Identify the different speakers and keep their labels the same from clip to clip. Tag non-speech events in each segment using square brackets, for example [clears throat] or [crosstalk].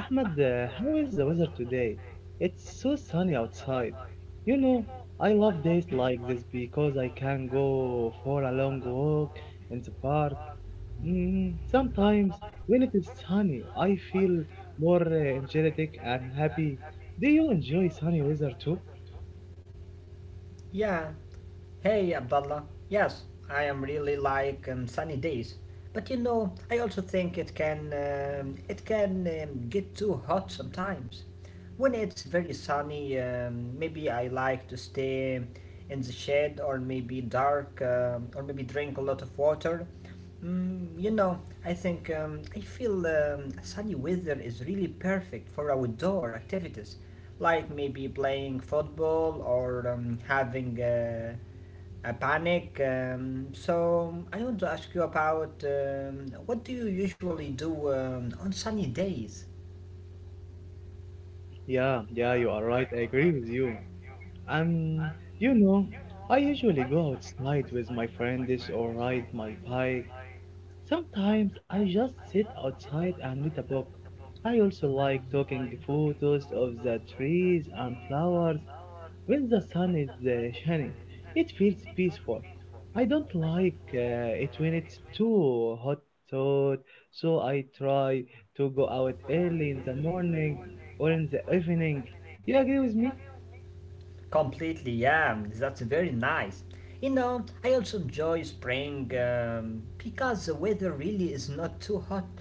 Speaker 1: Ahmed, how is the weather today? It's so sunny outside. You know, I love days like this because I can go for a long walk in the park. Sometimes when it is sunny, I feel more energetic and happy. Do you enjoy sunny weather too?
Speaker 2: Yeah. Hey, Abdullah. Yes, I am really like sunny days. But you know, I also think it can get too hot sometimes. When it's very sunny, maybe I like to stay in the shade or maybe dark or maybe drink a lot of water. Mm, you know, I think I feel sunny weather is really perfect for outdoor activities. Like maybe playing football or having a panic. So I want to ask you about what do you usually do on sunny days?
Speaker 1: Yeah, yeah, you are right. I agree with you. Um, you know, I usually go outside with my friends or ride my bike. Sometimes I just sit outside and read a book. I also like taking photos of the trees and flowers when the sun is shining. It feels peaceful. I don't like it when it's too hot out, so I try to go out early in the morning or in the evening. You agree with me?
Speaker 2: Completely, yeah, that's very nice. You know, I also enjoy spring because the weather really is not too hot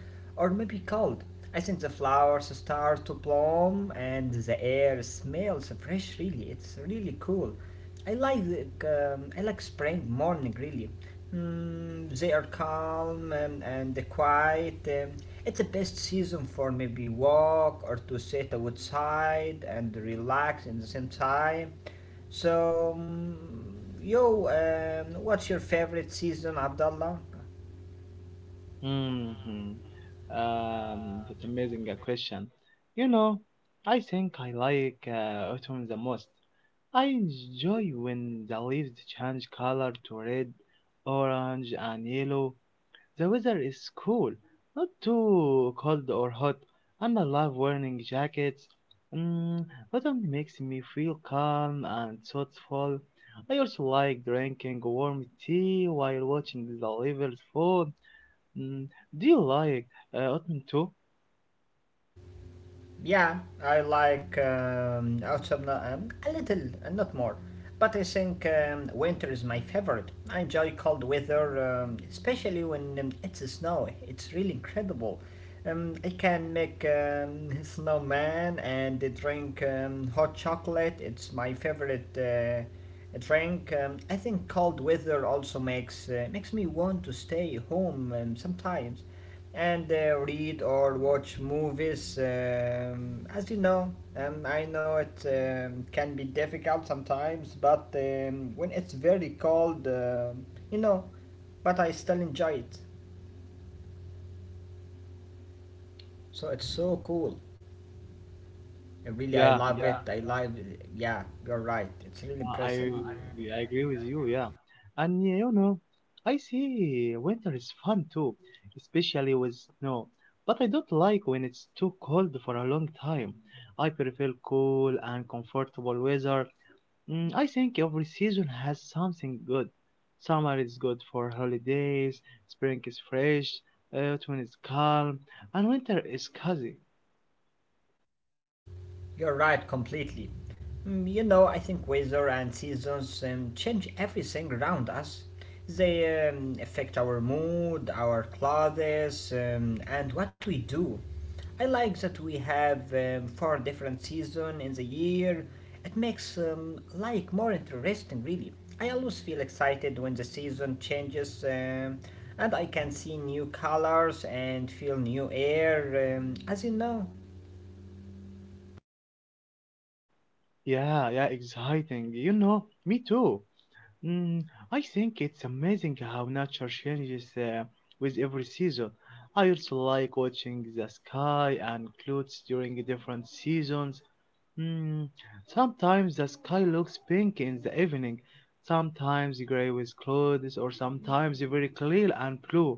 Speaker 2: or maybe cold. I think the flowers start to bloom and the air smells fresh, really. It's really cool. I like I like spring morning really. They are calm and quiet. It's the best season for maybe walk or to sit outside and relax in the same time. So, what's your favorite season, Abdullah?
Speaker 1: Hmm. That's amazing question. You know, I think I like autumn the most. I enjoy when the leaves change color to red, orange, and yellow. The weather is cool, not too cold or hot, and I love wearing jackets. Mm, autumn makes me feel calm and thoughtful. I also like drinking warm tea while watching the leaves fall. Mm, do you like Ottoman too?
Speaker 2: Yeah, I like autumn a little, and not more. But I think winter is my favorite. I enjoy cold weather, especially when it's snow. It's really incredible. I can make [laughs] snowman and drink hot chocolate. It's my favorite drink. I think cold weather also makes makes me want to stay home sometimes and read or watch movies. As you know, and I know it can be difficult sometimes, but when it's very cold, but I still enjoy it. So it's so cool. Really, I
Speaker 1: Yeah,
Speaker 2: love
Speaker 1: yeah.
Speaker 2: it. I love it. Yeah, you're right. It's really impressive.
Speaker 1: I agree with you. Yeah, and yeah, you know, I see winter is fun too, especially with snow. But I don't like when it's too cold for a long time. I prefer cool and comfortable weather. I think every season has something good. Summer is good for holidays. Spring is fresh. Autumn is calm, and winter is cozy.
Speaker 2: You're right, completely. You know, I think weather and seasons change everything around us. They affect our mood, our clothes, and what we do. I like that we have four different seasons in the year. It makes life more interesting, really. I always feel excited when the season changes, and I can see new colors and feel new air, as you know.
Speaker 1: Yeah, yeah, exciting. You know, me too. Mm, I think it's amazing how nature changes with every season. I also like watching the sky and clouds during different seasons. Mm, sometimes the sky looks pink in the evening, sometimes gray with clouds, or sometimes very clear and blue.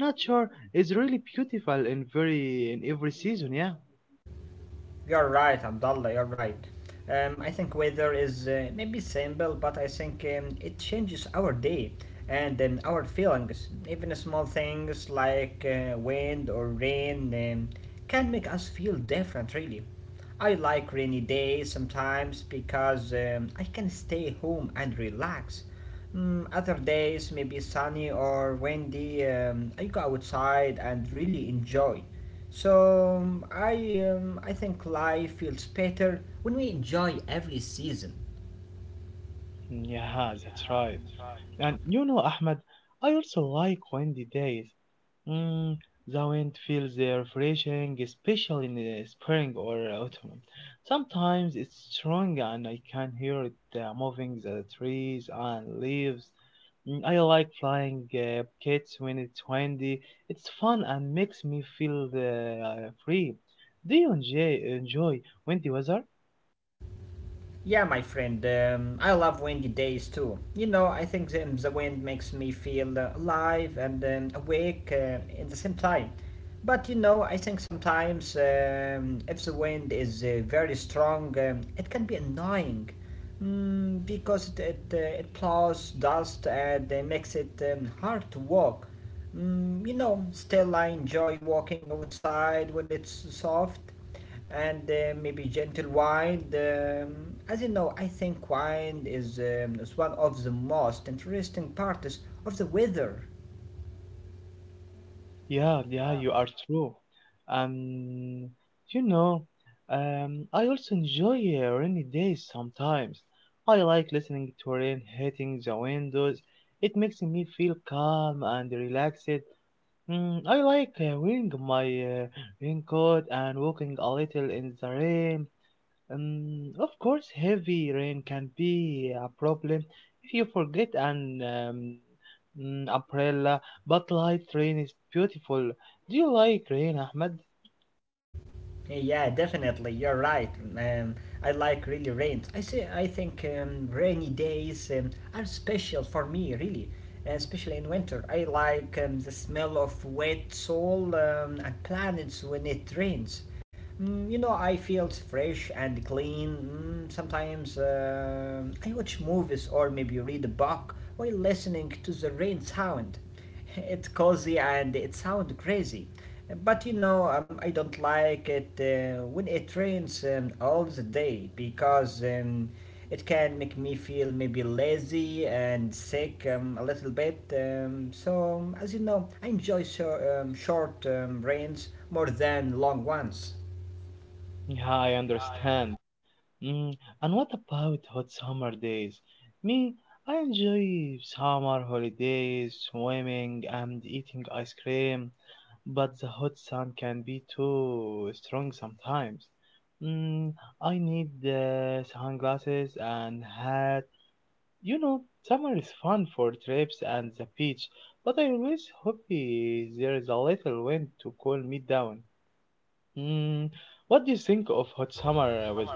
Speaker 1: Nature is really beautiful in very in every season. Yeah.
Speaker 2: You're right, Abdullah, you're right. I think weather is maybe simple, but I think it changes our day and our feelings. Even small things like wind or rain can make us feel different, really. I like rainy days sometimes because I can stay home and relax. Other days, maybe sunny or windy, I go outside and really enjoy. So I think life feels better when we enjoy every season.
Speaker 1: Yeah, that's right. And you know, Ahmed, I also like windy days. Mm, the wind feels refreshing, especially in the spring or autumn. Sometimes it's strong and I can hear it moving the trees and leaves. I like flying kites when it's windy. It's fun and makes me feel free. Do you enjoy windy weather?
Speaker 2: Yeah, my friend, I love windy days too. You know, I think the wind makes me feel alive and awake at the same time. But you know, I think sometimes if the wind is very strong, it can be annoying because it plows dust and makes it hard to walk. Still I enjoy walking outside when it's soft and maybe gentle wind. As you know, I think wind is, is one of the most interesting parts of the weather.
Speaker 1: Yeah, yeah, you are true. Um, you know, I also enjoy rainy days sometimes. I like listening to rain hitting the windows. It makes me feel calm and relaxed. I like wearing my raincoat and walking a little in the rain. Of course, heavy rain can be a problem if you forget an umbrella, but light rain is beautiful. Do you like rain, Ahmed?
Speaker 2: Yeah, definitely. You're right. Um, I like really rains. I say I think rainy days are special for me, really, especially in winter. I like the smell of wet soil and planets when it rains. I feel fresh and clean. Sometimes I watch movies or maybe read a book while listening to the rain sound. It's cozy and it sounds crazy. But you know, I don't like it when it rains all the day because it can make me feel maybe lazy and sick a little bit. So, as you know, I enjoy so, short rains more than long ones.
Speaker 1: Yeah, I understand. Mm, and what about hot summer days? Me, I enjoy summer holidays, swimming, and eating ice cream, but the hot sun can be too strong sometimes. Mm, I need sunglasses and hat. You know, summer is fun for trips and the beach, but I always hope there is a little wind to cool me down. Mm, what do you think of hot summer with?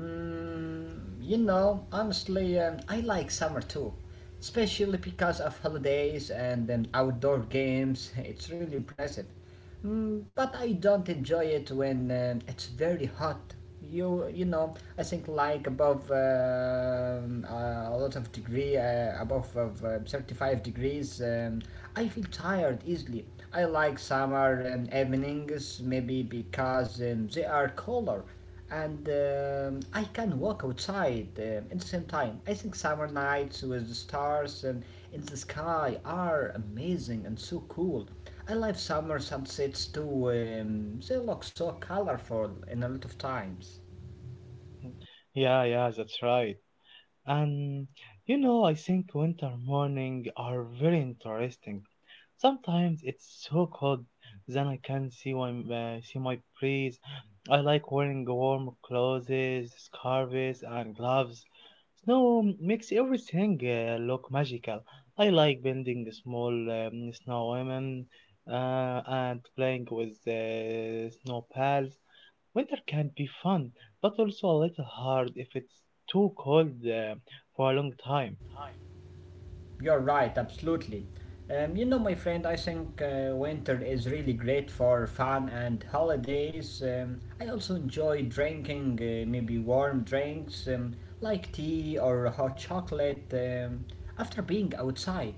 Speaker 2: Honestly, I like summer too, especially because of holidays and outdoor games. [laughs] It's really impressive. But I don't enjoy it when it's very hot. You know, I think like above a lot of degree, above of 35 degrees, I feel tired easily. I like summer evenings maybe because they are cooler and I can walk outside at the same time. I think summer nights with the stars and in the sky are amazing and so cool. I love summer sunsets too. They look so colorful in a lot of times.
Speaker 1: Yeah, yeah, that's right. And you know, I think winter morning are very interesting. Sometimes it's so cold then I can see my breeze. I like wearing warm clothes, scarves, and gloves. Snow makes everything look magical. I like building small snow women and playing with snow pals. Winter can be fun, but also a little hard if it's too cold for a long time.
Speaker 2: You're right, absolutely. You know, my friend, I think winter is really great for fun and holidays. I also enjoy drinking maybe warm drinks like tea or hot chocolate after being outside.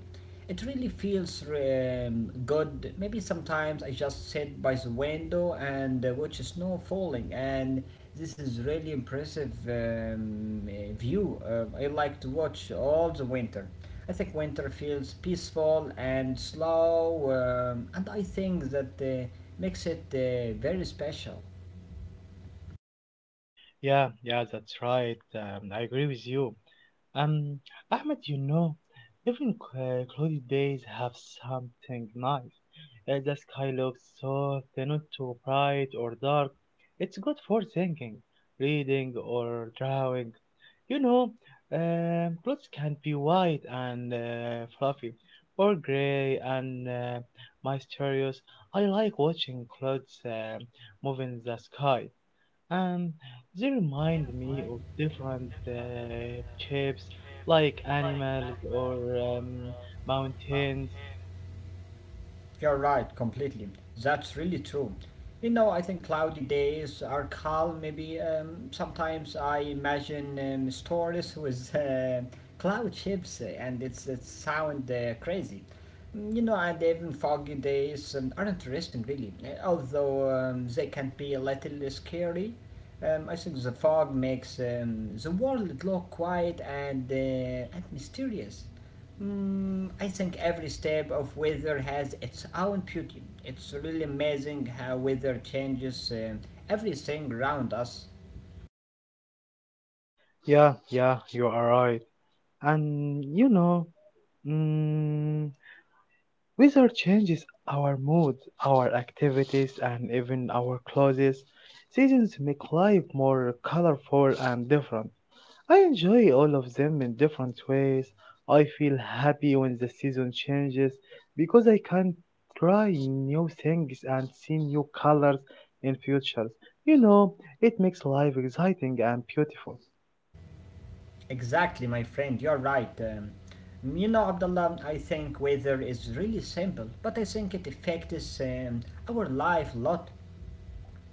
Speaker 2: It really feels good. Maybe sometimes I just sit by the window and watch snow falling, and this is really impressive view. I like to watch all the winter. I think winter feels peaceful and slow, and I think that makes it very special.
Speaker 1: Yeah, yeah, that's right. I agree with you. Um, Ahmed, you know, even cloudy days have something nice. The sky looks soft, and not too bright or dark. It's good for thinking, reading, or drawing. You know, clothes can be white and fluffy, or gray and mysterious. I like watching clouds move in the sky, and they remind me of different shapes like animals or mountains.
Speaker 2: You're right, completely. That's really true. You know, I think cloudy days are calm. Maybe sometimes I imagine stories with cloud ships, and it sound crazy. You know, and even foggy days are interesting, really. Although they can be a little scary. I think the fog makes the world look quiet and and mysterious. I think every step of weather has its own beauty. It's really amazing how weather changes everything around us.
Speaker 1: Yeah, yeah, you are right. And you know, mm, weather changes our mood, our activities, and even our clothes. Seasons make life more colorful and different. I enjoy all of them in different ways. I feel happy when the season changes because I can try new things and see new colors in futures. You know, it makes life exciting and beautiful.
Speaker 2: Exactly, my friend, you're right. You know, Abdullah, I think weather is really simple, but I think it affects our life a lot.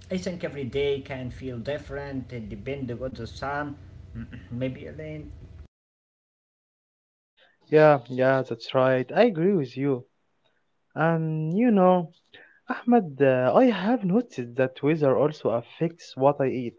Speaker 2: I think every day can feel different, depending on the sun, [clears throat] maybe rain,
Speaker 1: Yeah, yeah, that's right. I agree with you. And you know, Ahmed, I have noticed that weather also affects what I eat.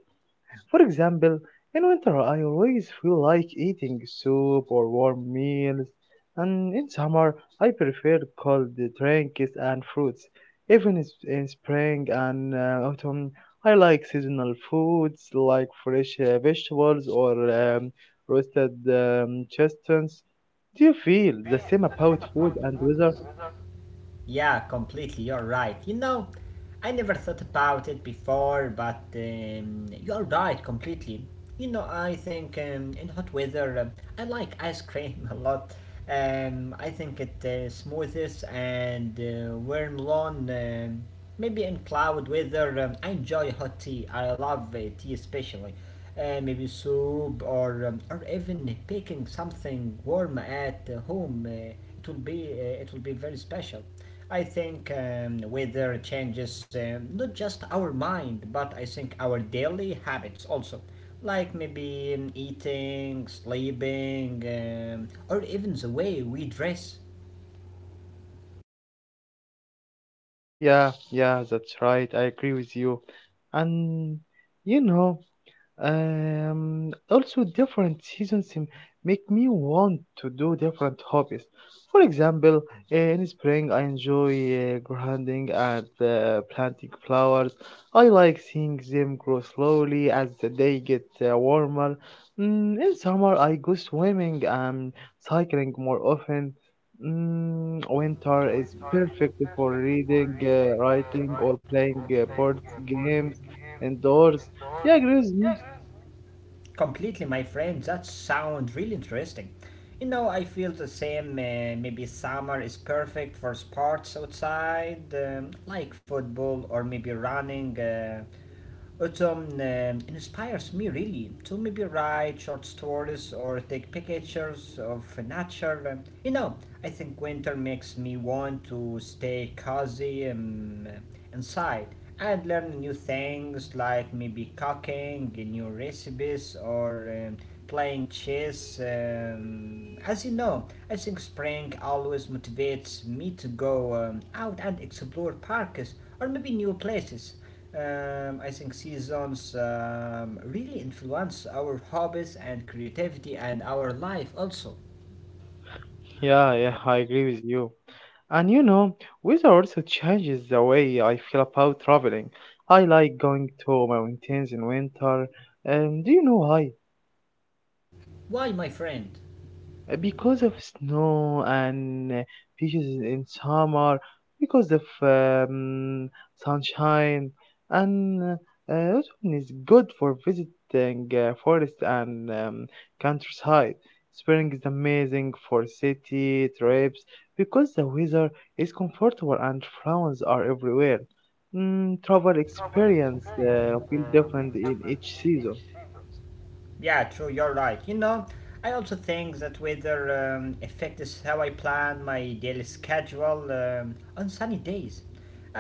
Speaker 1: For example, in winter I always feel like eating soup or warm meals, and in summer I prefer cold drinks and fruits. In spring and autumn, I like seasonal foods like fresh vegetables or um, roasted chestnuts. Do you feel the same about food and weather?
Speaker 2: yeah, completely. You're right. You know, I never thought about it before, but you're right, completely. You know, I think in hot weather, I like ice cream [laughs] a lot. I think it smoothes and warm lawn. Maybe in cloud weather, I enjoy hot tea. I love tea especially. Maybe soup or even baking something warm at home. It will be very special. I think weather changes not just our mind, but I think our daily habits also, like maybe eating, sleeping, or even the way we dress.
Speaker 1: Yeah, yeah, that's right. I agree with you. And you know, also, different seasons make me want to do different hobbies. For example, in spring, I enjoy gardening and planting flowers. I like seeing them grow slowly as the day get warmer. In summer, I go swimming and cycling more often. Winter is perfect for reading, writing, or playing board games indoors. Yeah, agree with me.
Speaker 2: Completely, my friend, that sounds really interesting. You know, I feel the same. Maybe summer is perfect for sports outside, like football or maybe running. It inspires me really to maybe write short stories or take pictures of nature. You know, I think winter makes me want to stay cozy inside and learn new things like maybe cooking, new recipes, or playing chess. As you know, I think spring always motivates me to go out and explore parks or maybe new places. I think seasons really influence our hobbies and creativity and our life also.
Speaker 1: Yeah, yeah, I agree with you. And you know, weather also changes the way I feel about traveling. I like going to mountains in winter, and do you know why?
Speaker 2: Why, my friend?
Speaker 1: Uh, because of snow and beaches in summer, because of sunshine, and autumn is good for visiting forest and countryside. Spring is amazing for city trips because the weather is comfortable and flowers are everywhere. Travel experience feel different in each season.
Speaker 2: Yeah, true, you're right. You know, I also think that weather affects how I plan my daily schedule on sunny days.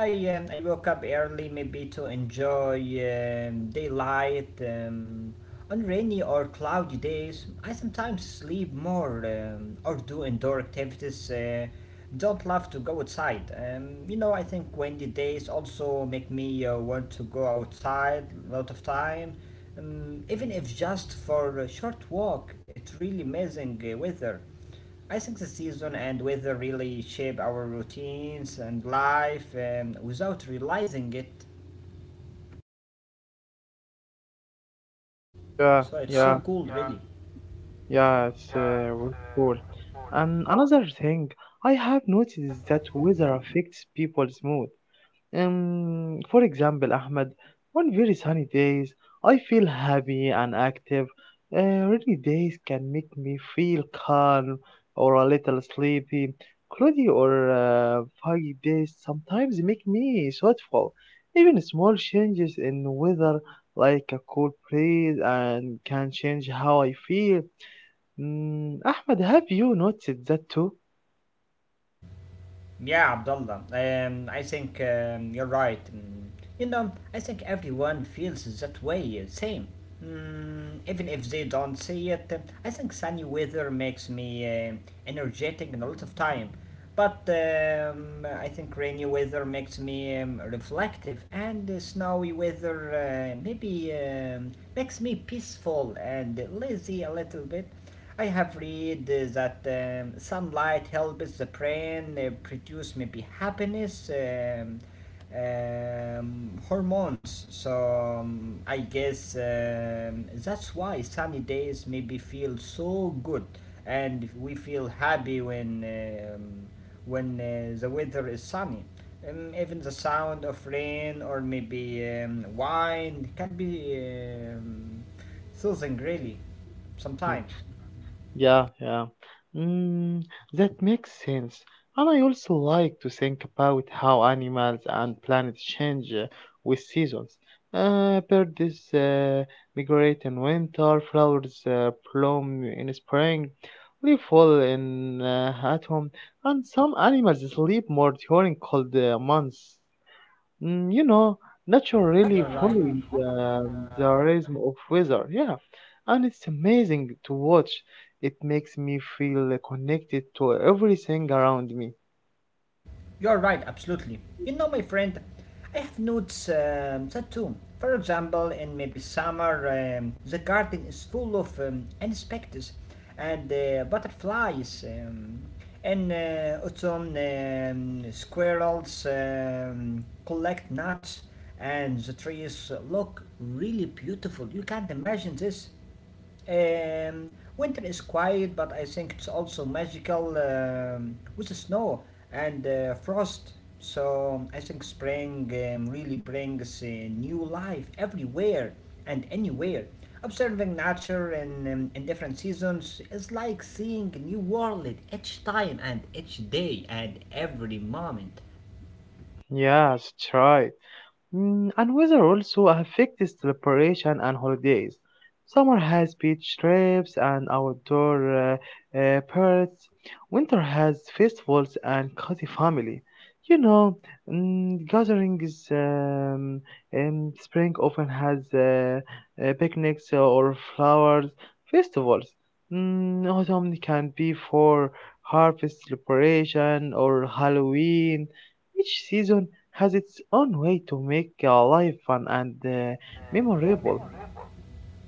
Speaker 2: I woke up early maybe to enjoy daylight. On rainy or cloudy days, I sometimes sleep more or do indoor activities. Don't love to go outside. You know, I think windy days also make me want to go outside a lot of time even if just for a short walk. It's really amazing weather. I think the season and weather really shape our routines and life without realizing it.
Speaker 1: Yeah,
Speaker 2: So it's so
Speaker 1: yeah.
Speaker 2: cool, really.
Speaker 1: Yes, with cool. And another thing I have noticed is that weather affects people's mood. For example, Ahmed, on very sunny days, I feel happy and active. Rainy days can make me feel calm or a little sleepy. Cloudy or foggy days sometimes make me thoughtful. Even small changes in weather, like a cool breeze, and can change how I feel. Mm, Ahmed, have you noticed that too?
Speaker 2: Yeah, Abdullah. I think you're right. You know, I think everyone feels that way, same. Even if they don't see it, I think sunny weather makes me energetic and a lot of time. But I think rainy weather makes me reflective, and snowy weather maybe makes me peaceful and lazy a little bit. I have read that sunlight helps the brain produce maybe happiness hormones. So I guess that's why sunny days maybe feel so good, and we feel happy when the weather is sunny. Even the sound of rain or maybe wind can be um, soothing, really,
Speaker 1: Hmm.
Speaker 2: sometimes.
Speaker 1: Yeah, yeah. Mm, that makes sense. And I also like to think about how animals and planets change with seasons. Birds migrate in winter, flowers bloom in spring, leaves fall in autumn, and some animals sleep more during cold months. You know, nature
Speaker 2: You're
Speaker 1: really
Speaker 2: right.
Speaker 1: follows the rhythm of weather. Yeah, and it's amazing to watch. It makes me feel connected to everything around me.
Speaker 2: You're right, absolutely. You know, my friend, I have notes that too. For example, in maybe summer, the garden is full of insects and butterflies. In autumn, squirrels collect nuts, and the trees look really beautiful. You can't imagine this. Um, Winter is quiet, but I think it's also magical with the snow and frost. So I think spring really brings new life everywhere and anywhere. Observing nature in different seasons is like seeing a new world each time and each day and every moment.
Speaker 1: Yes, try. And weather also affects celebration and holidays. Summer has beach trips and outdoor parties. Winter has festivals and cozy family. You know, gatherings. Spring often has picnics or flowers festivals. Autumn can be for harvest celebration or Halloween. Each season has its own way to make life fun and memorable.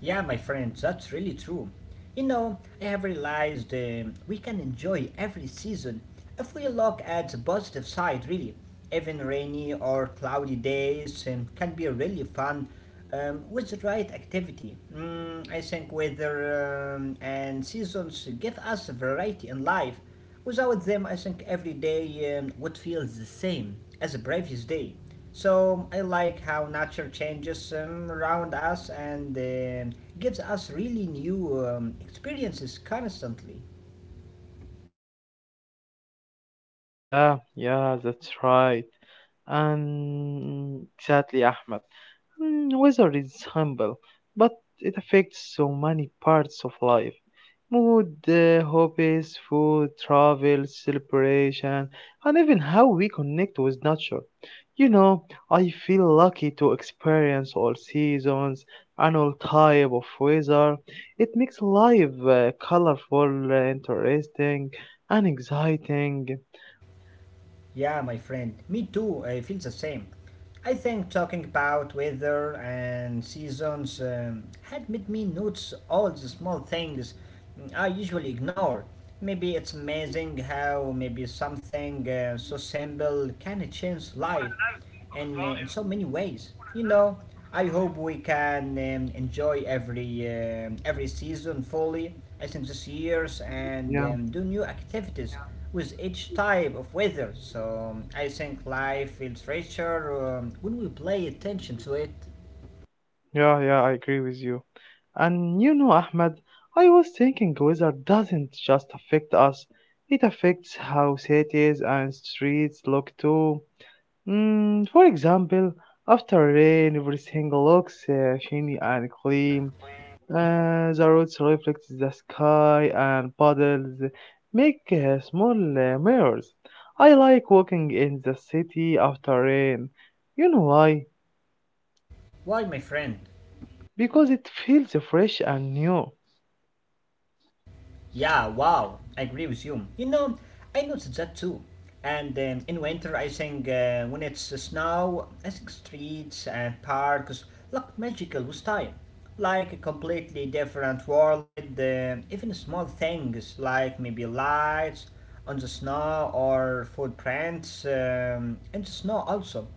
Speaker 2: Yeah, my friends, that's really true. You know, I have realized we can enjoy every season if we look at the positive side, really. Even rainy or cloudy days can be really fun with the right activity. I think weather and seasons give us a variety in life. Without them, I think every day would feel the same as the previous day. So I like how nature changes around us and gives us really new experiences constantly.
Speaker 1: Yeah, yeah, that's right. And exactly, Ahmed. Mm, weather is humble, but it affects so many parts of life: mood, hobbies, food, travel, celebration, and even how we connect with nature. You know, I feel lucky to experience all seasons and all type of weather. It makes life colorful, interesting, and exciting.
Speaker 2: Yeah, my friend, me too. I feel the same. I think talking about weather and seasons had made me notice all the small things I usually ignore. Maybe it's amazing how maybe something so simple can change life in so many ways. You know, I hope we can enjoy every season fully. I think this year's and
Speaker 1: Yeah.
Speaker 2: do new activities with each type of weather. So I think life feels richer when we pay attention to it.
Speaker 1: Yeah, yeah, I agree with you. And you know, Ahmed, I was thinking weather doesn't just affect us, it affects how cities and streets look too. For example, after rain, everything looks shiny and clean. The roads reflect the sky, and puddles make small mirrors. I like walking in the city after rain. You know why?
Speaker 2: Why, my friend?
Speaker 1: Because it feels fresh and new.
Speaker 2: Yeah, wow, I agree with you. You know, I noticed that too. And in winter, I think when it's snow, I think streets and parks look magical with time. Like a completely different world, even small things like maybe lights on the snow or footprints in the snow also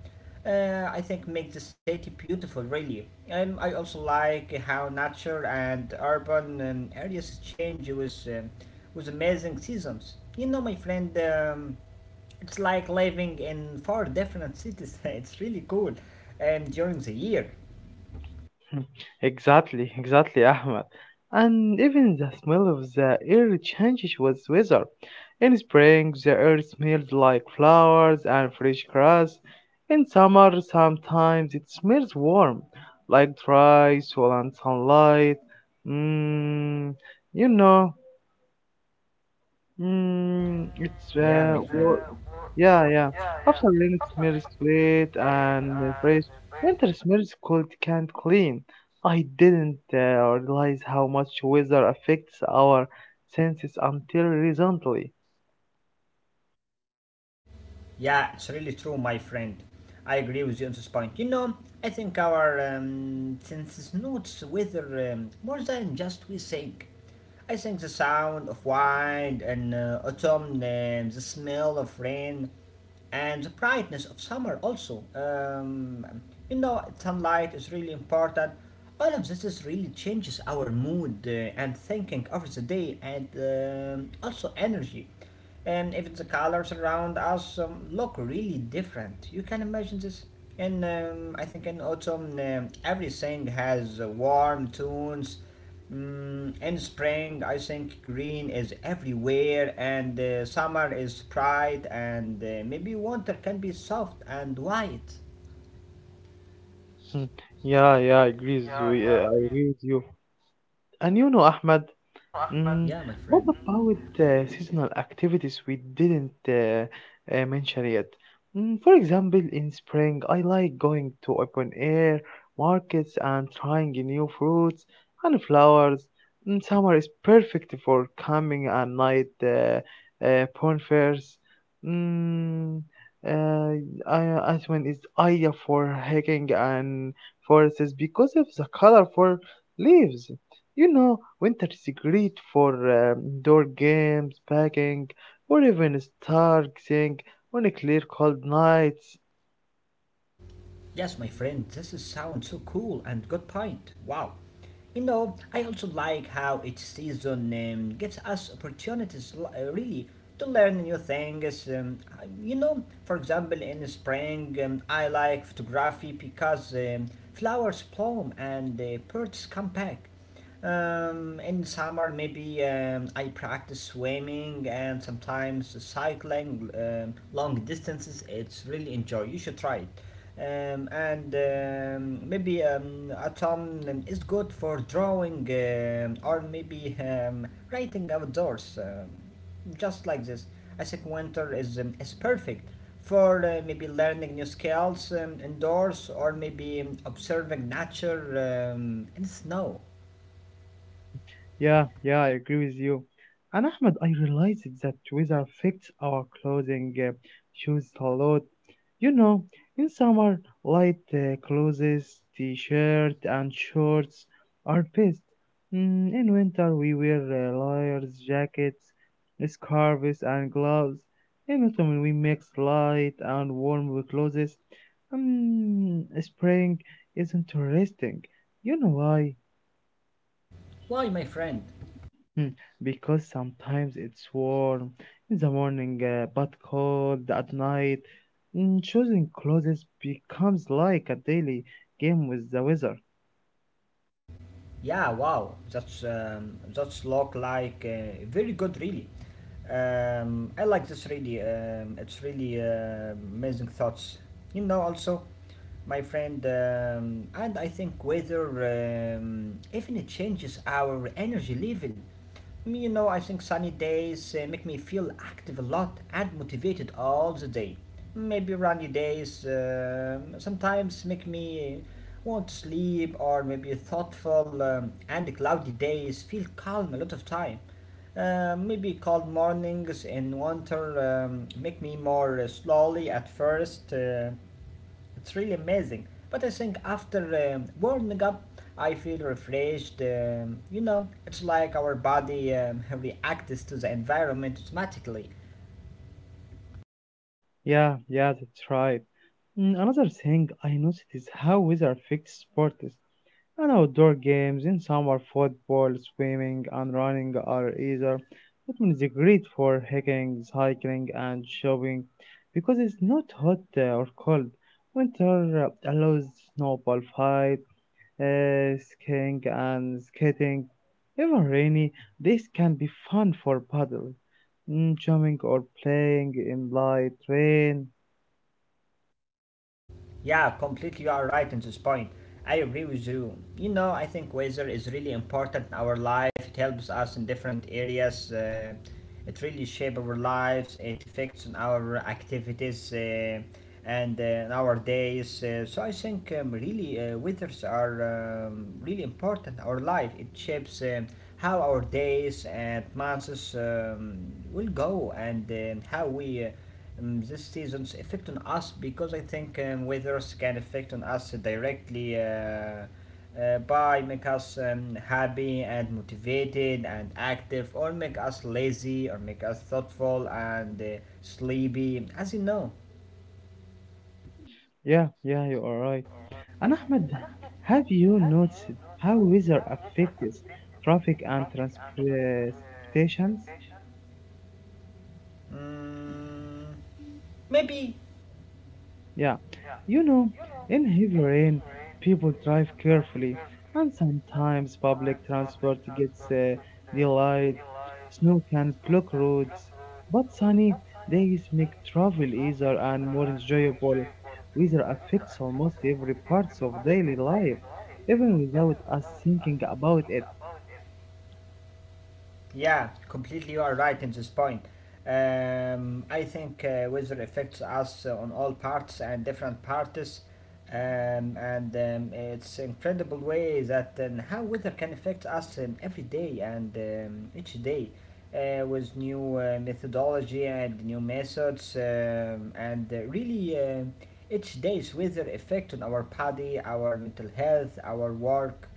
Speaker 2: I think make the city beautiful really. I also like how nature and urban areas change with amazing seasons. You know, my friend, it's like living in four different cities. [laughs] It's really cool during the year.
Speaker 1: [laughs] Exactly, exactly, Ahmed. And even the smell of the air changes with weather. In spring, the air smells like flowers and fresh grass. In summer, sometimes it smells warm, like dry, swollen sunlight. Mm, you know. Mm, it's
Speaker 2: Yeah, my
Speaker 1: uh,
Speaker 2: friend.
Speaker 1: wa- yeah, yeah. After rain, it smells late and fresh. Winter smells cold, can't clean. I didn't realize how much weather affects our senses until recently.
Speaker 2: Yeah, it's really true, my friend. I agree with you on this point. You know, I think our senses notes weather more than just we think. I think the sound of wind and autumn, the smell of rain, and the brightness of summer also. You know, sunlight is really important. All of this is really changes our mood and thinking over the day and also energy and even the colors around us look really different. You can imagine this. And I think in autumn, everything has warm tones. In spring, I think green is everywhere, and summer is bright, and maybe winter can be soft and white.
Speaker 1: Hmm. Yeah, yeah, I agree with you. And you know, Ahmed. Mm,
Speaker 2: Yeah, my friend.
Speaker 1: what about seasonal activities we didn't mention yet? For example, in spring, I like going to open air markets and trying new fruits and flowers. Summer is perfect for camping and night bonfires. Mm, uh, Iceland is ideal for hiking and forests because of the colorful leaves. You know, winter is great for indoor games, packing, or even stargazing on a clear, cold night.
Speaker 2: Yes, my friend, this is sounds so cool and good point. Wow. You know, I also like how each season gives us opportunities, really, to learn new things. You know, for example, in the spring, I like photography because flowers bloom and birds come back. In summer, maybe I practice swimming and sometimes cycling long distances. It's really enjoy. You should try it. And maybe autumn is good for drawing or maybe writing outdoors, just like this. I think winter is perfect for maybe learning new skills indoors or maybe observing nature in snow.
Speaker 1: Yeah, yeah, I agree with you. And Ahmed, I realized that weather affects our clothing shoes a lot. You know, in summer, light clothes, t-shirt and shorts are best. In winter, we wear layers, jackets, scarves, and gloves. In autumn, we mix light and warm clothes. Spring is interesting. You know why?
Speaker 2: Why, my friend?
Speaker 1: Mm, Because sometimes it's warm in the morning but cold at night. Choosing clothes becomes like a daily game with the weather.
Speaker 2: Yeah, wow, that's look like very good, really. I like this really. It's really amazing thoughts. You know, also, my friend, and I think whether even it changes our energy level. You know, I think sunny days make me feel active a lot and motivated all the day. Maybe rainy days sometimes make me want to sleep, or maybe thoughtful and cloudy days feel calm a lot of time. Maybe cold mornings in winter make me more slowly at first. It's really amazing. But I think after warming up, I feel refreshed. You know, it's like our body [laughs] reacts to the environment automatically.
Speaker 1: Yeah, yeah, that's right. Another thing I noticed is how weather affects sports. And outdoor games in summer, football, swimming, and running are easier. Autumn is great for hiking, cycling, and shopping because it's not hot or cold. Winter allows snowball fight, skiing, and skating. Even rainy, this can be fun for paddle, jumping, or playing in light rain.
Speaker 2: Yeah, completely you are right in this point. I agree with you. You know, I think weather is really important in our life. It helps us in different areas. It really shapes our lives. It affects on our activities and in our days. So I think really weathers are really important in our life. It shapes how our days and months will go and how we. This season's effect on us because I think weathers can affect on us directly by make us happy and motivated and active or make us lazy or make us thoughtful and sleepy as you know
Speaker 1: Yeah, yeah, you are right. And Ahmed, have you noticed how weather affects traffic and transportations?
Speaker 2: mm, maybe.
Speaker 1: Yeah, you know, in heavy rain, people drive carefully, and sometimes public transport gets delayed. Snow can block roads, but sunny days make travel easier and more enjoyable. Weather affects almost every part of daily life, even without us thinking about it.
Speaker 2: Yeah, completely you are right in this point. I think weather affects us on all parts and different parts, and it's incredible way that how weather can affect us every day and each day with new methodology and new methods, and really each day's weather effect on our body, our mental health, our work.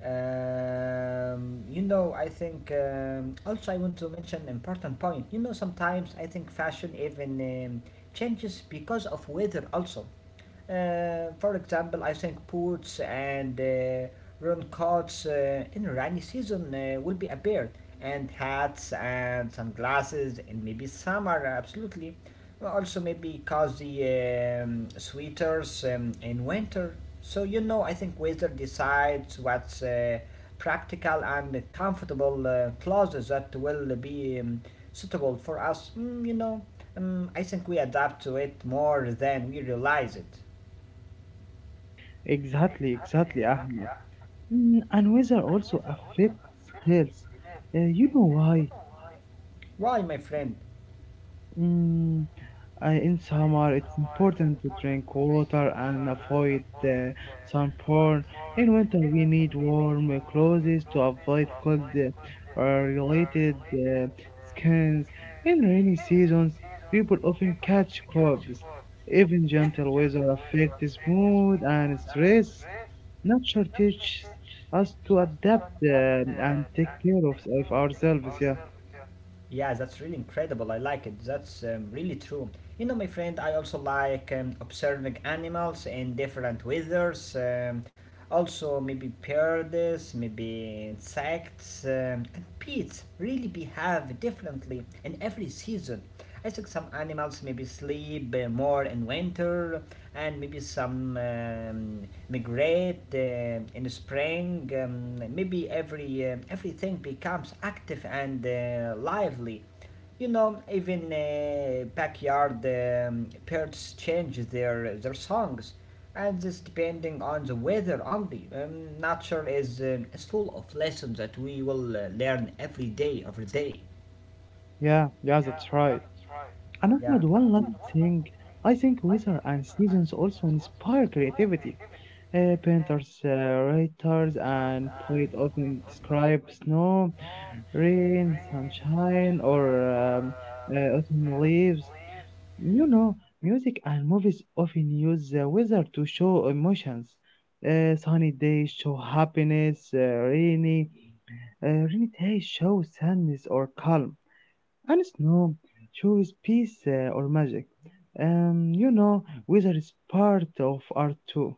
Speaker 2: You know, I think also I want to mention an important point. You know, sometimes I think fashion even changes because of weather also. For example, I think boots and raincoats in rainy season will be appeared, and hats and sunglasses, and maybe summer, absolutely. Well, also, maybe cozy sweaters in winter. So, you know, I think weather decides what's practical and comfortable clothes that will be suitable for us. You know, I think we adapt to it more than we realize it.
Speaker 1: Exactly, exactly, Ahmed. And weather also affects health. You know why?
Speaker 2: Why, my friend?
Speaker 1: Mm, in summer, it's important to drink water and avoid sunburn. In winter, we need warm clothes to avoid cold or related skins. In rainy seasons, people often catch colds. Even gentle weather affects mood and stress. Nature teaches us to adapt and take care of ourselves. Yeah,
Speaker 2: Yeah, that's really incredible. I like it. That's really true. You know, my friend, I also like observing animals in different weathers. Also, maybe birds, maybe insects, and pets really behave differently in every season. I think some animals maybe sleep more in winter, and maybe some migrate in spring. Maybe everything becomes active and lively. You know, even backyard birds change their songs, and this depending on the weather only. Nature is full of lessons that we will learn every day, every day.
Speaker 1: yeah, yeah, that's right. And
Speaker 2: Yeah.
Speaker 1: Ahmed, one last thing, I think weather and seasons also inspire creativity. Painters, writers, and poets often describe snow, rain, sunshine, or autumn leaves. You know, music and movies often use the weather to show emotions. Sunny days show happiness, rainy days show sadness or calm. And snow shows peace or magic. You know, weather is part of art too.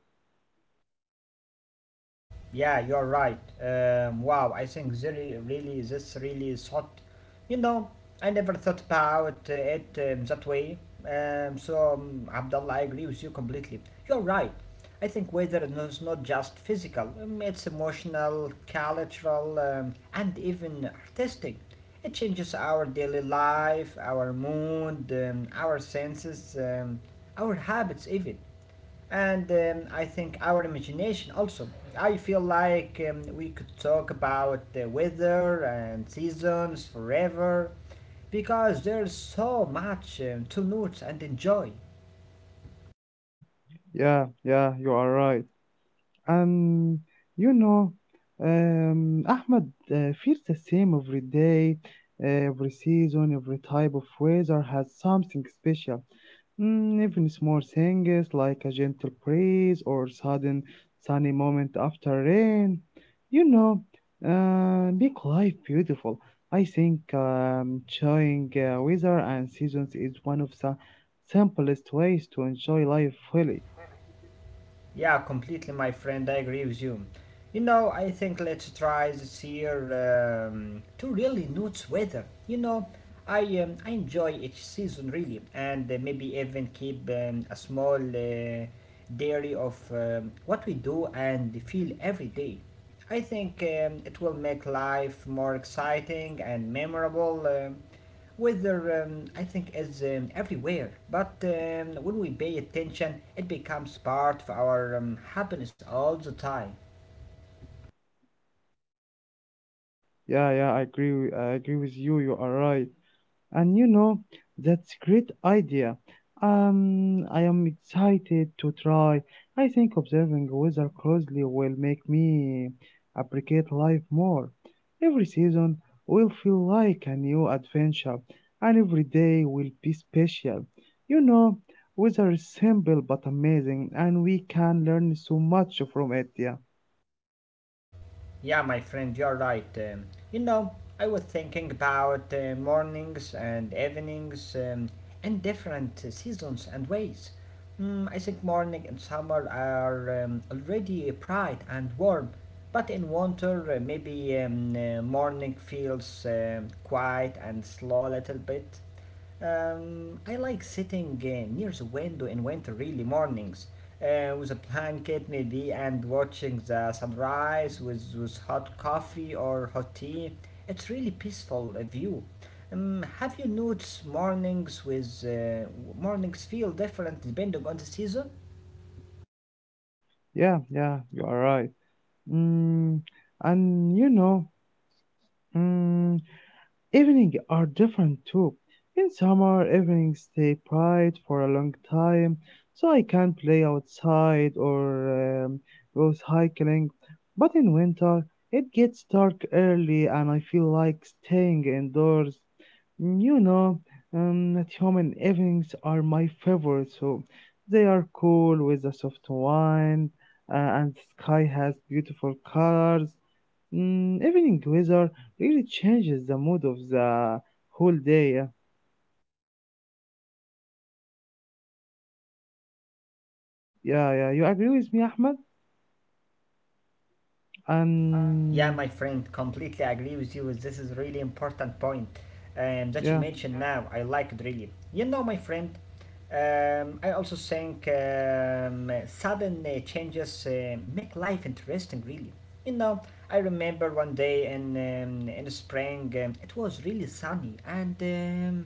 Speaker 2: Yeah, you're right. Wow, I think really, really, this really is hot. You know, I never thought about it that way. So, Abdullah, I agree with you completely. You're right. I think weather is not just physical, it's emotional, cultural, and even artistic. It changes our daily life, our mood, our senses, our habits, even and I think our imagination also. I feel like we could talk about the weather and seasons forever because there's so much to note and enjoy.
Speaker 1: Yeah, yeah, you are right. Um, you know, Ahmed feels the same every day, every season, every type of weather has something special. Even small things like a gentle breeze or sudden sunny moment after rain. You know, make life beautiful. I think enjoying weather and seasons is one of the simplest ways to enjoy life fully.
Speaker 2: Yeah, completely, my friend. I agree with you. You know, I think let's try this year to really notice weather. You know, I enjoy each season really, and maybe even keep a small diary of what we do and feel every day. I think it will make life more exciting and memorable. Weather, I think, is everywhere, but when we pay attention, it becomes part of our happiness all the time.
Speaker 1: Yeah, yeah, I agree. I agree with you. You are right. And you know, that's a great idea. I am excited to try. I think observing weather closely will make me appreciate life more. Every season will feel like a new adventure, and every day will be special. You know, weather is simple but amazing, and we can learn so much from it. Yeah,
Speaker 2: Yeah, my friend, you're right. You know, I was thinking about mornings and evenings and different seasons and ways. I think morning and summer are already bright and warm, but in winter, maybe morning feels quiet and slow a little bit. I like sitting near the window in winter, really mornings, with a blanket maybe, and watching the sunrise with hot coffee or hot tea. It's really peaceful view. Have you noticed mornings feel different depending on the season?
Speaker 1: yeah, yeah, you are right. Mm, and you know. Mm, Evening are different too. In summer, evenings stay bright for a long time, so I can play outside or go hiking. But in winter, it gets dark early and I feel like staying indoors. Mm. You know, that human evenings are my favorite, so they are cool with a soft wind and the sky has beautiful colors. Evening weather really changes the mood of the whole day. Yeah, yeah, yeah. You agree with me, Ahmed?
Speaker 2: Yeah,
Speaker 1: And
Speaker 2: my friend, completely agree with you. This is really important point that you
Speaker 1: yeah,
Speaker 2: mentioned now. I like it really. You know, my friend, I also think sudden changes make life interesting, really. You know, I remember one day in the spring, it was really sunny and um,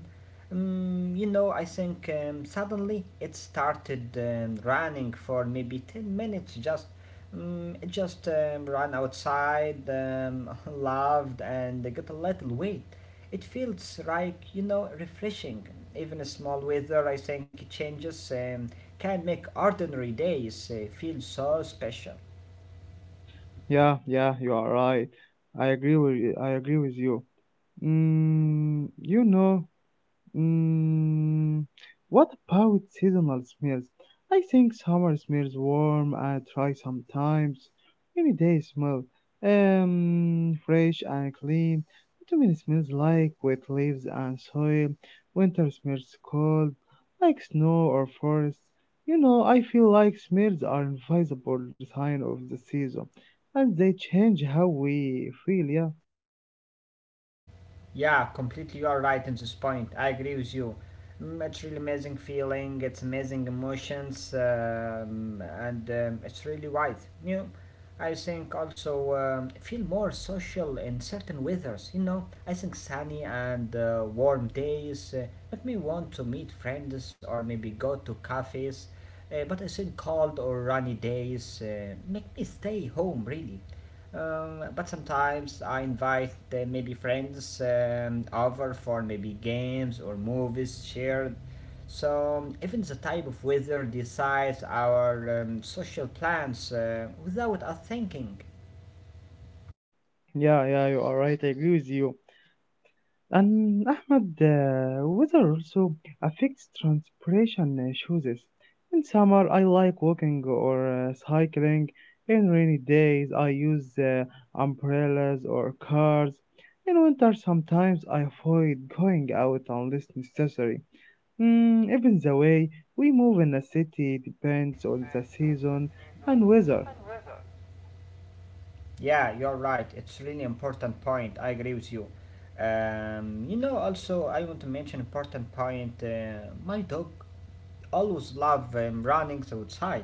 Speaker 2: um, you know, I think suddenly it started running for maybe 10 minutes, just run outside, [laughs] laughed, and get a little weight. It feels like refreshing. Even a small weather, I think, changes can make ordinary days feel so special.
Speaker 1: yeah, yeah. You are right. I agree with you. You know, Mm, what about seasonal smells? I think summer smells warm and dry sometimes. Maybe they smell fresh and clean. Autumn smells like wet leaves and soil. Winter smells cold, like snow or forest. You know, I feel like smells are invisible sign of the season, and they change how we feel. Yeah,
Speaker 2: Yeah, completely. You are right in this point. I agree with you. It's really amazing feeling. It's amazing emotions, and it's really right. You, know, I think also feel more social in certain weathers. You know, I think sunny and warm days make me want to meet friends or maybe go to cafes. But I think cold or rainy days make me stay home really. But sometimes I invite maybe friends over for maybe games or movies shared. So even the type of weather decides our social plans without us thinking.
Speaker 1: yeah, yeah. You are right. I agree with you. And Ahmed, weather also affects transpiration choices. In summer, I like walking or cycling. In rainy days, I use umbrellas or cars. In winter, sometimes I avoid going out unless necessary. Even the way we move in a city depends on the season and weather.
Speaker 2: Yeah, you're right. It's really important point. I agree with you. You know, also I want to mention important point. My dog. Always love running outside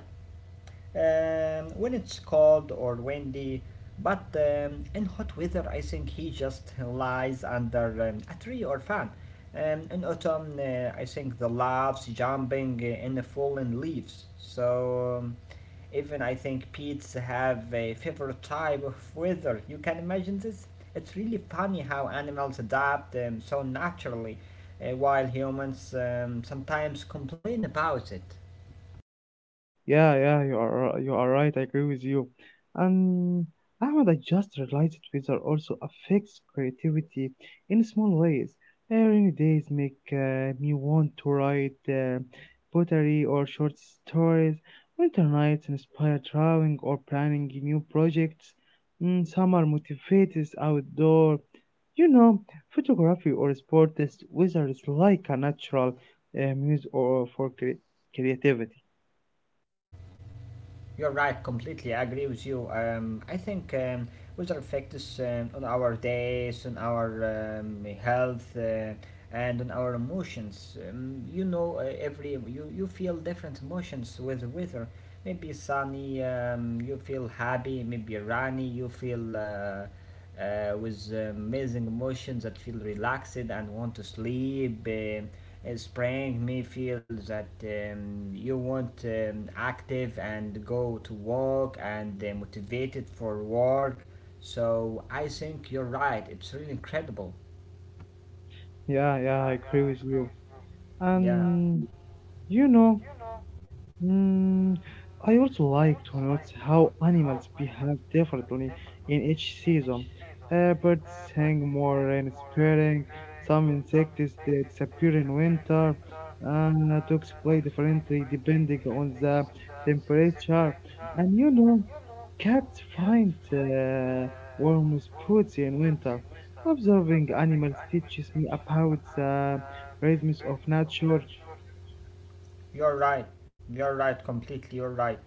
Speaker 2: when it's cold or windy. But in hot weather, I think he just lies under a tree or fan. In autumn, I think the loves jumping in the fallen leaves. So even I think pets have a favorite type of weather. You can imagine this? It's really funny how animals adapt so naturally, while humans sometimes complain about it.
Speaker 1: Yeah, yeah, you are right. I agree with you. And Ahmed, I just realized weather also affects creativity in small ways. Rainy days make me want to write poetry or short stories. Winter nights inspire drawing or planning new projects. Summer motivates outdoor. You know, photography or sport is weather is like a natural muse or for creativity.
Speaker 2: You're right, completely. Agree with you. I think weather affects on our days, on our health, and on our emotions. You know, every you feel different emotions with weather. Maybe sunny, you feel happy. Maybe rainy, you feel. With amazing emotions that feel relaxed and want to sleep. Spring may feel that you want active and go to work and motivated for work. So I think you're right. It's really incredible.
Speaker 1: Yeah, yeah, I agree with you.
Speaker 2: Yeah.
Speaker 1: And you know, Mm, I also like to notice how animals behave differently in each season. Birds sing more in spring, some insects they disappear in winter, and dogs play differently depending on the temperature. And you know, cats find warm spots in winter. Observing animals teaches me about the rhythms of nature.
Speaker 2: You're right. You're right. Completely. You're right.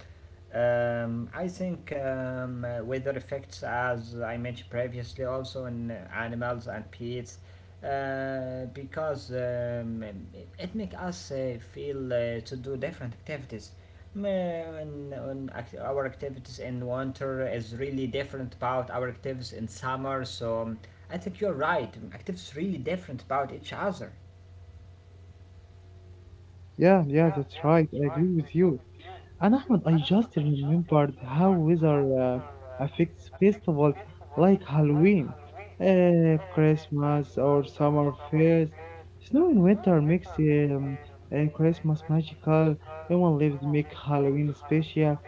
Speaker 2: I think weather effects, as I mentioned previously, also in animals and pets, because it makes us feel to do different activities. Mm, our activities in winter is really different about our activities in summer. So I think you're right. Activities really different about each other.
Speaker 1: Yeah, yeah, that's right. I agree with you. And Ahmed, I just remembered how weather affects festivals like Halloween, Christmas, or summer fairs. Snow in winter makes Christmas magical. Lemon leaves make Halloween special.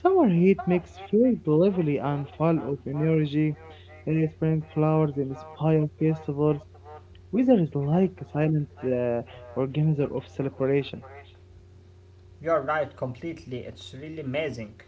Speaker 1: Summer heat makes fairs lively and full of energy. Spring flowers inspire festivals. Weather is like a silent organizer of celebration.
Speaker 2: You're right, completely. It's really amazing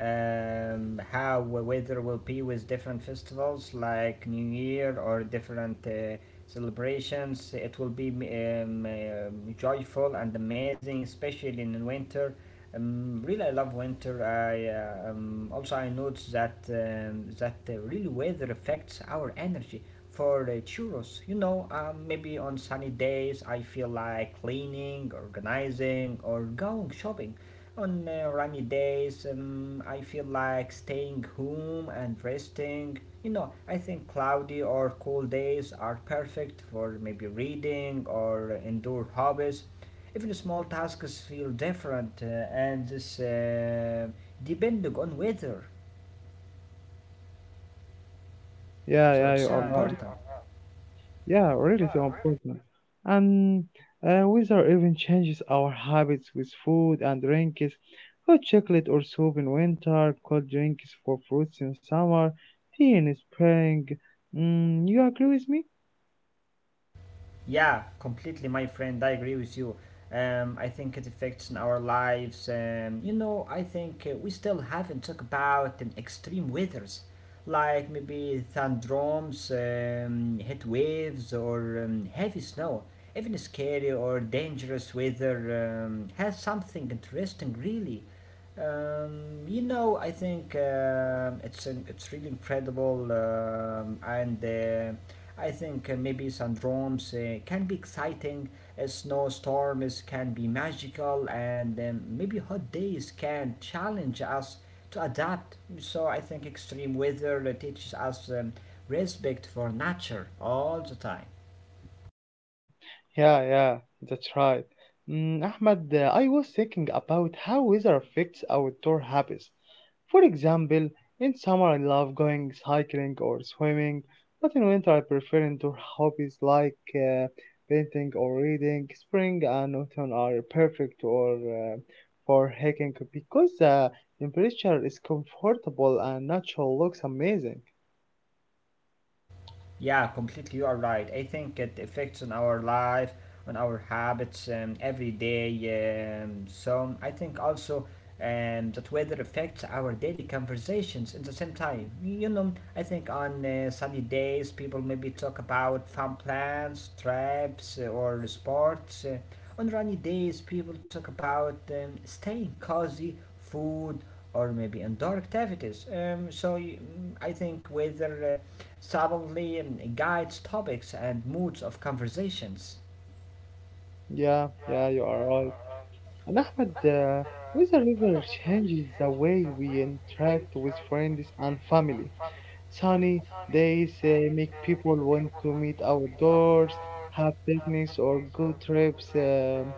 Speaker 2: how weather will be with different festivals like New Year or different celebrations. It will be joyful and amazing, especially in winter. Really, I love winter. I Also I noticed that really weather affects our energy. For the churros, you know, maybe on sunny days I feel like cleaning, organizing, or going shopping. On rainy days, I feel like staying home and resting. You know, I think cloudy or cool days are perfect for maybe reading or indoor hobbies. Even small tasks feel different and this depending on weather.
Speaker 1: Yeah,
Speaker 2: So
Speaker 1: yeah,
Speaker 2: it's
Speaker 1: you are right. Yeah, really so important. And weather even changes our habits with food and drinks. Hot chocolate or soup in winter, cold drinks for fruits in summer, tea in spring. You agree with me?
Speaker 2: Yeah, completely, my friend. I agree with you. I think it affects in our lives. You know, I think we still haven't talked about extreme weathers, like maybe thunderstorms, heat waves, or heavy snow. Even scary or dangerous weather has something interesting, really. You know, I think it's really incredible, and. I think maybe some drums can be exciting, snowstorms can be magical, and maybe hot days can challenge us to adapt. So I think extreme weather teaches us respect for nature all the time.
Speaker 1: Yeah, yeah, that's right. Ahmed, I was thinking about how weather affects outdoor habits. For example, in summer I love going cycling or swimming, but in winter I prefer indoor hobbies like painting or reading. Spring and autumn are perfect or for hiking because the temperature is comfortable and natural looks amazing.
Speaker 2: Yeah, completely. You are right. I think it affects on our life, on our habits every day. So I think also that weather affects our daily conversations at the same time. You know, I think on sunny days, people maybe talk about farm plans, traps, or sports. On rainy days, people talk about staying cozy, food, or maybe indoor activities. I think weather. Subtly guides topics and moods of conversations.
Speaker 1: Yeah, yeah, you are right. And Ahmed, weather river changes the way we interact with friends and family. Sunny days make people want to meet outdoors, have picnics or good trips. Um,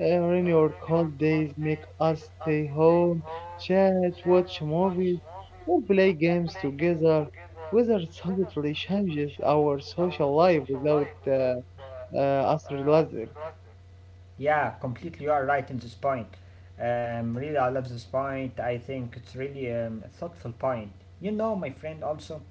Speaker 1: uh, Rainy or cold days make us stay home, chat, watch movies, or play games together. Weather subtly changes our social life without us realizing.
Speaker 2: Yeah, completely. You are right in this point. Really, I love this point. I think it's really a thoughtful point. You know, my friend, also,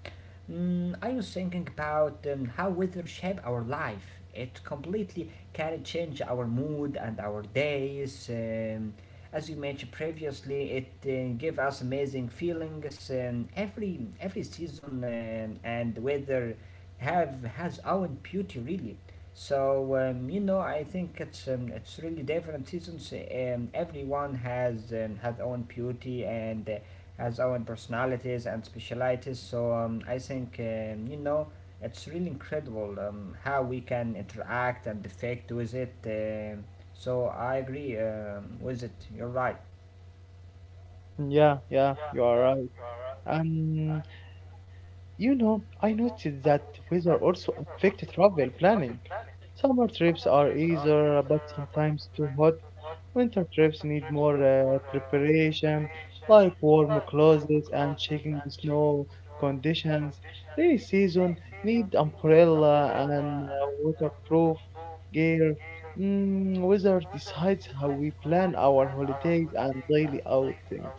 Speaker 2: mm, I was thinking about how weather shape our life. It completely can change our mood and our days. As you mentioned previously, it give us amazing feelings. Every season and weather have has own beauty really. So you know, I think it's really different seasons. Everyone has own beauty and has own personalities and specialities. So I think you know, it's really incredible how we can interact and affect with it. So I agree with it. You're right.
Speaker 1: Yeah, yeah, you are right. Um, you know, I noticed that weather also affects travel planning. Summer trips are easier, but sometimes too hot. Winter trips need more preparation, like warm clothes and checking the snow conditions. Rainy season need umbrella and waterproof gear. Weather decides how we plan our holidays and daily outings.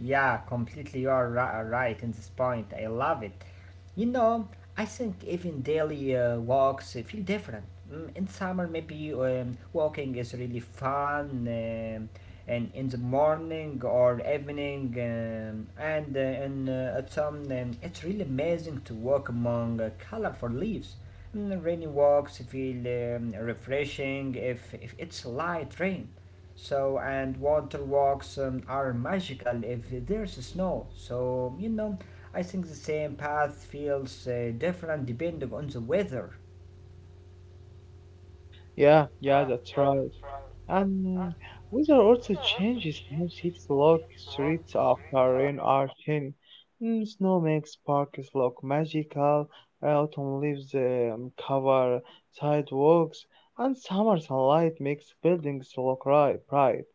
Speaker 2: Completely, right in this point. I love it. You know, I think even daily walks feel different. Mm, in summer, maybe walking is really fun, and in the morning or evening, and in autumn, it's really amazing to walk among colorful leaves. Mm, rainy walks feel refreshing if it's light rain. So, and water walks are magical if there's snow. So, you know, I think the same path feels different depending on the weather.
Speaker 1: Yeah, yeah, that's right. And weather also changes. Some cities look streets after rain are shiny. Snow makes parks look magical. Autumn leaves cover sidewalks, and summer sunlight makes buildings bright.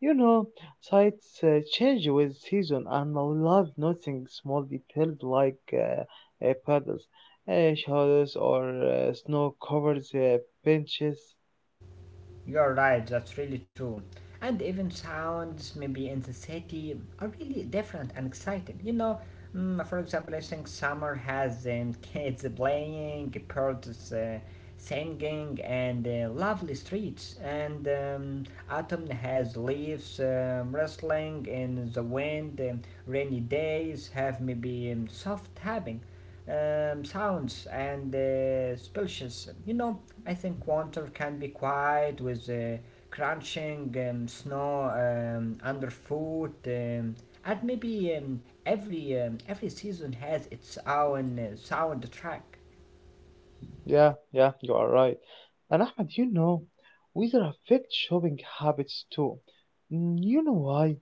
Speaker 1: You know, sights change with season, and I love nothing small details like puddles, shadows, or snow-covered benches.
Speaker 2: You're right, that's really true. And even sounds, maybe in the city, are really different and exciting. You know, mm, for example, I think summer has [laughs] kids playing, birds singing, and lovely streets. And Autumn has leaves rustling in the wind, rainy days have maybe soft tapping. Sounds and splashes. You know, I think water can be quiet with crunching snow underfoot, and maybe every season has its own soundtrack.
Speaker 1: Yeah, yeah, you are right. And Ahmed, you know, weather affects shopping habits too. You know why?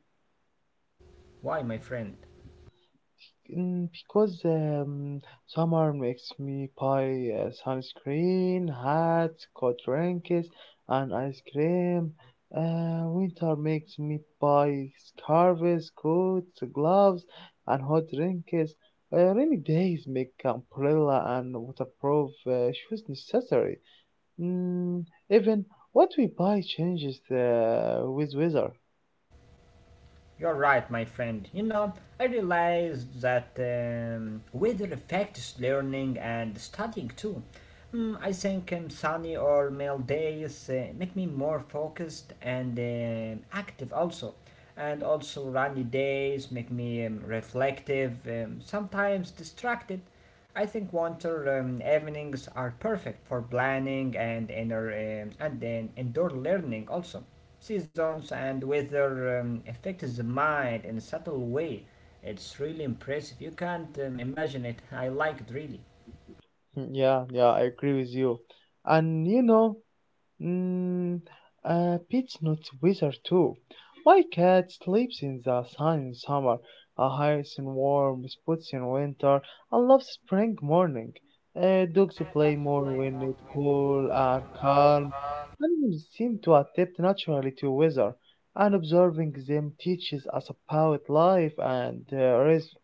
Speaker 2: Why, my friend?
Speaker 1: Because summer makes me buy sunscreen, hats, cold drinks, and ice cream. Winter makes me buy scarves, coats, gloves, and hot drinks. Rainy days make umbrella and waterproof shoes necessary. Mm, Even what we buy changes with weather. [laughs]
Speaker 2: You're right, my friend. You know, I realized that weather affects learning and studying too. Mm, I think sunny or mild days make me more focused and active also. And also rainy days make me reflective, sometimes distracted. I think winter evenings are perfect for planning and inner and then indoor learning also. Seasons and weather affect the mind in a subtle way. It's really impressive. You can't imagine it. I like it really.
Speaker 1: Yeah, yeah, I agree with you. And you know, Mm, pets not wizard too. My cat sleeps in the sun in summer, hides in warm spots in winter, and loves spring morning. Dogs play more when it's cool and calm. Animals seem to adapt naturally to weather, and observing them teaches us about life and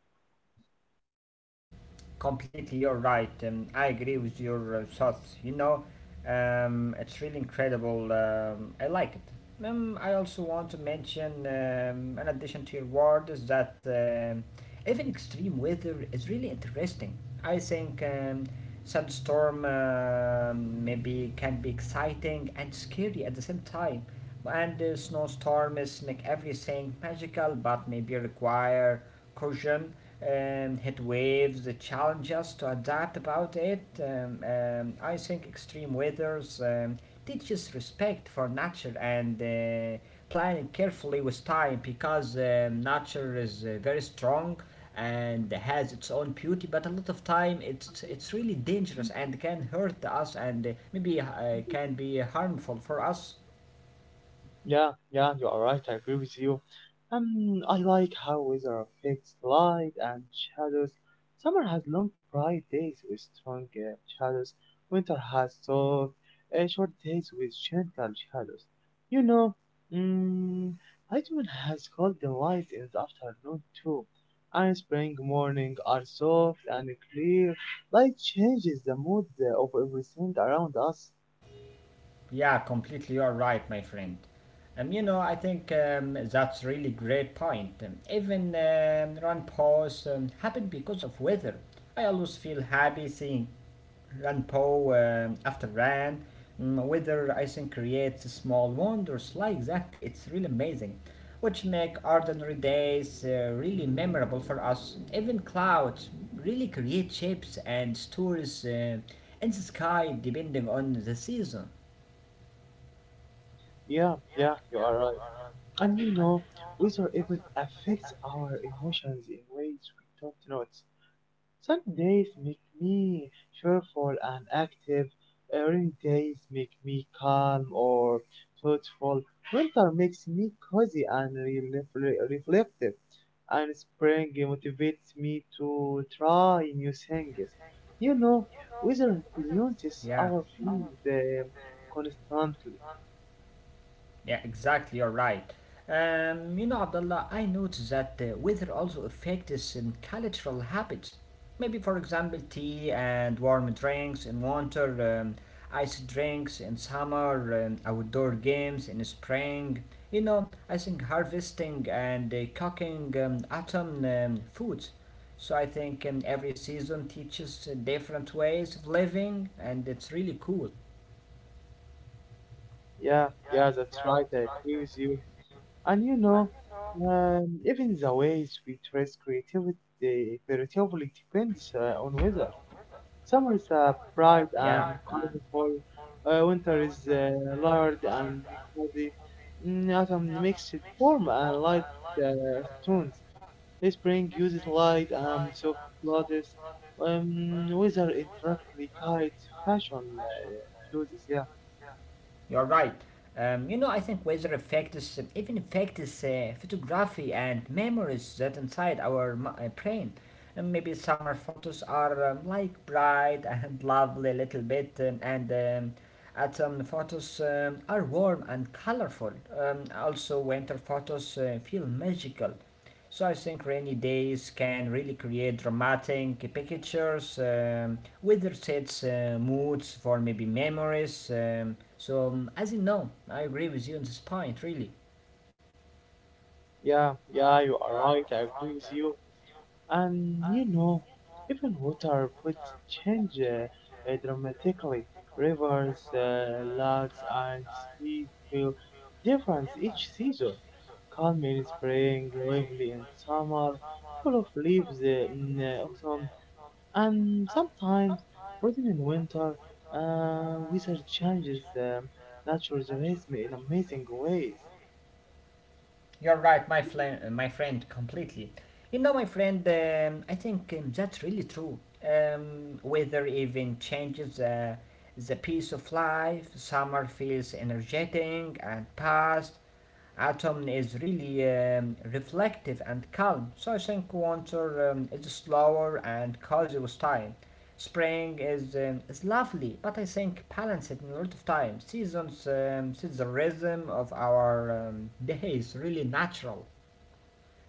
Speaker 2: Completely you're right I agree with your thoughts you know it's really incredible I like it I also want to mention in addition to your word is that even extreme weather is really interesting I think sandstorm maybe can be exciting and scary at the same time and the snowstorms make everything magical but maybe require caution heat waves challenge us to adapt about it I think extreme weathers teaches respect for nature and planning carefully with time because nature is very strong and has its own beauty but a lot of time it's really dangerous and can hurt us and maybe can be harmful for us.
Speaker 1: Yeah, yeah, you are right. I agree with you. I like how weather affects light and shadows. Summer has long, bright days with strong shadows. Winter has soft, short days with gentle shadows. You know, mm, autumn has cold light in the afternoon too. And spring morning are soft and clear. Light changes the mood of everything around us.
Speaker 2: Yeah, completely. You're right, my friend. You know, I think that's really great point. Even run pause happened because of weather. I always feel happy seeing run po after ran. Mm, weather, I think, creates small wonders like that. It's really amazing, which make ordinary days really memorable for us. Even clouds really create shapes and stories in the sky depending on the season.
Speaker 1: Yeah, yeah, you are right. And you know, weather even affects our emotions in ways we don't notice. Some days make me cheerful and active, rainy days make me calm or thoughtful, winter makes me cozy and reflective, and spring motivates me to try new things. You know, weather influences
Speaker 2: Yeah,
Speaker 1: our feelings constantly.
Speaker 2: yeah, exactly. You're right. You know, Abdullah, I noticed that weather also affects some cultural habits. Maybe, for example, tea and warm drinks in winter, ice drinks in summer, and outdoor games in spring. You know, I think harvesting and cooking autumn foods. So I think every season teaches different ways of living, and it's really cool.
Speaker 1: Yeah, yeah, that's right, I agree with you. And you know, even the ways we trace creativity creatively depends on weather. Summer is bright
Speaker 2: Yeah.
Speaker 1: and colorful, winter is large and cloudy. Autumn makes it warm and light tones. Spring uses light and soft clothes. Weather indirectly guides fashion choices. Yeah,
Speaker 2: You're right. You know, I think weather affects even affects photography and memories that inside our brain. And maybe summer photos are like bright [laughs] and lovely, little bit, and autumn photos are warm and colorful. Also, winter photos feel magical. So I think rainy days can really create dramatic pictures, weather sets moods for maybe memories. As you know, I agree with you on this point, really.
Speaker 1: yeah, yeah. You are right. I agree with you. And you know, even water which change dramatically. Rivers, lakes, and seas feel different each season. Calm in spring, lively in summer, full of leaves in autumn, and sometimes frozen in winter. Weather changes nature's rhythm in amazing ways.
Speaker 2: You're right, my friend, completely. You know, my friend, I think that's really true. Weather even changes the pace of life. Summer feels energetic and fast. Autumn is really reflective and calm. So I think winter is slower and cozy with time. Spring is lovely, but I think balance it in a lot of time. Seasons, see the rhythm of our days really natural.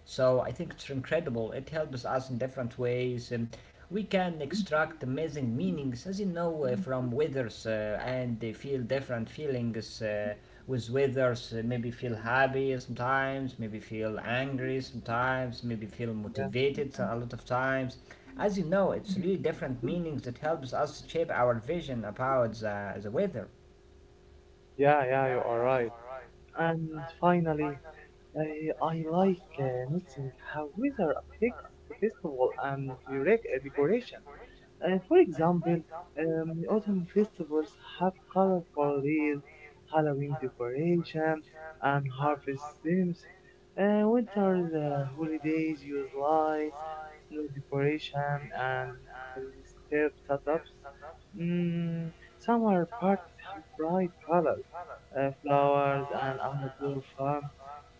Speaker 2: So I think it's incredible. It helps us in different ways. We can extract amazing meanings, as you know, from weathers and they feel different feelings with weathers. Maybe feel happy sometimes, maybe feel angry sometimes, maybe feel
Speaker 1: Yeah,
Speaker 2: motivated a lot of times. As you know, it's really different meanings that helps us shape our vision about the weather.
Speaker 1: yeah, yeah, you are right. And finally, I like noticing how weather affects the festival and the decoration. For example, autumn festivals have colorful leaves, Halloween decoration, and harvest themes. Winter's holidays use lights, snow decoration, and step setups. Mm, Summer parties have bright colors, flowers, and outdoor fun.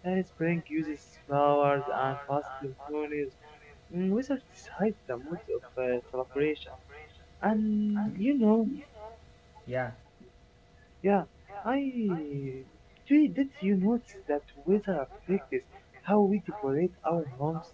Speaker 1: Spring uses flowers and positive tones. Wizards decide the mood of celebration. And you know,
Speaker 2: Yeah.
Speaker 1: yeah, I Jay, did you notice that weather affects how we decorate our homes?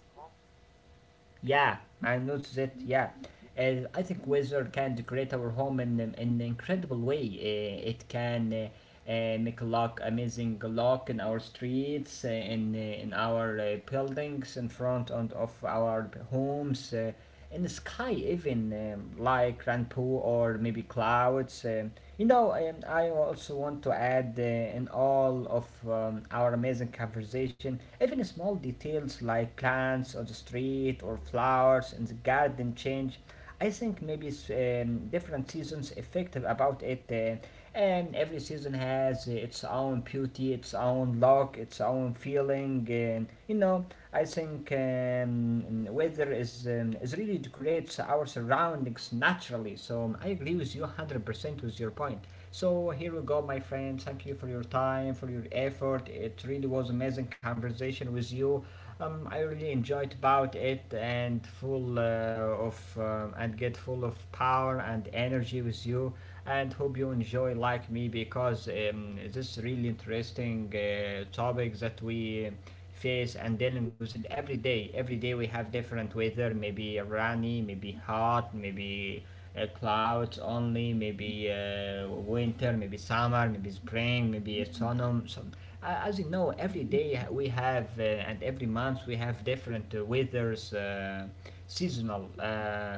Speaker 2: Yeah, I noticed it. Yeah, I think weather can decorate our home in an incredible way. It can make a look amazing look in our streets, in in our buildings, in front and of our homes. In the sky even like rainbow or maybe clouds you know I also want to add in all of our amazing conversation even small details like plants on the street or flowers in the garden change. I think maybe different seasons effective about it, and every season has its own beauty, its own look, its own feeling, and you know, I think weather is really decorates our surroundings naturally. So I agree with you 100% with your point. So here we go, my friend. Thank you for your time, for your effort. It really was amazing conversation with you. I really enjoyed about it and full of and get full of power and energy with you. And hope you enjoy like me because this is really interesting topic that we face and dealing with it every day. Every day we have different weather, maybe rainy, maybe hot, maybe clouds only, maybe winter, maybe summer, maybe spring, maybe autumn. So, as you know, every day we have and every month we have different weathers, seasonal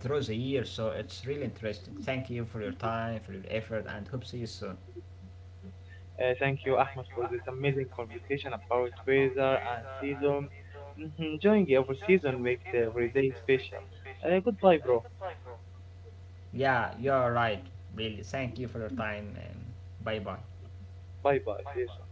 Speaker 2: through the year. So it's really interesting. Thank you for your time, for your effort, and hope see you soon.
Speaker 1: Thank you, Ahmed, for this amazing conversation about weather and season. Mhm. Enjoying every season makes every day special. Goodbye, bro.
Speaker 2: Yeah, you're right. Really, thank you for your time and bye bye.
Speaker 1: Bye bye. See you soon.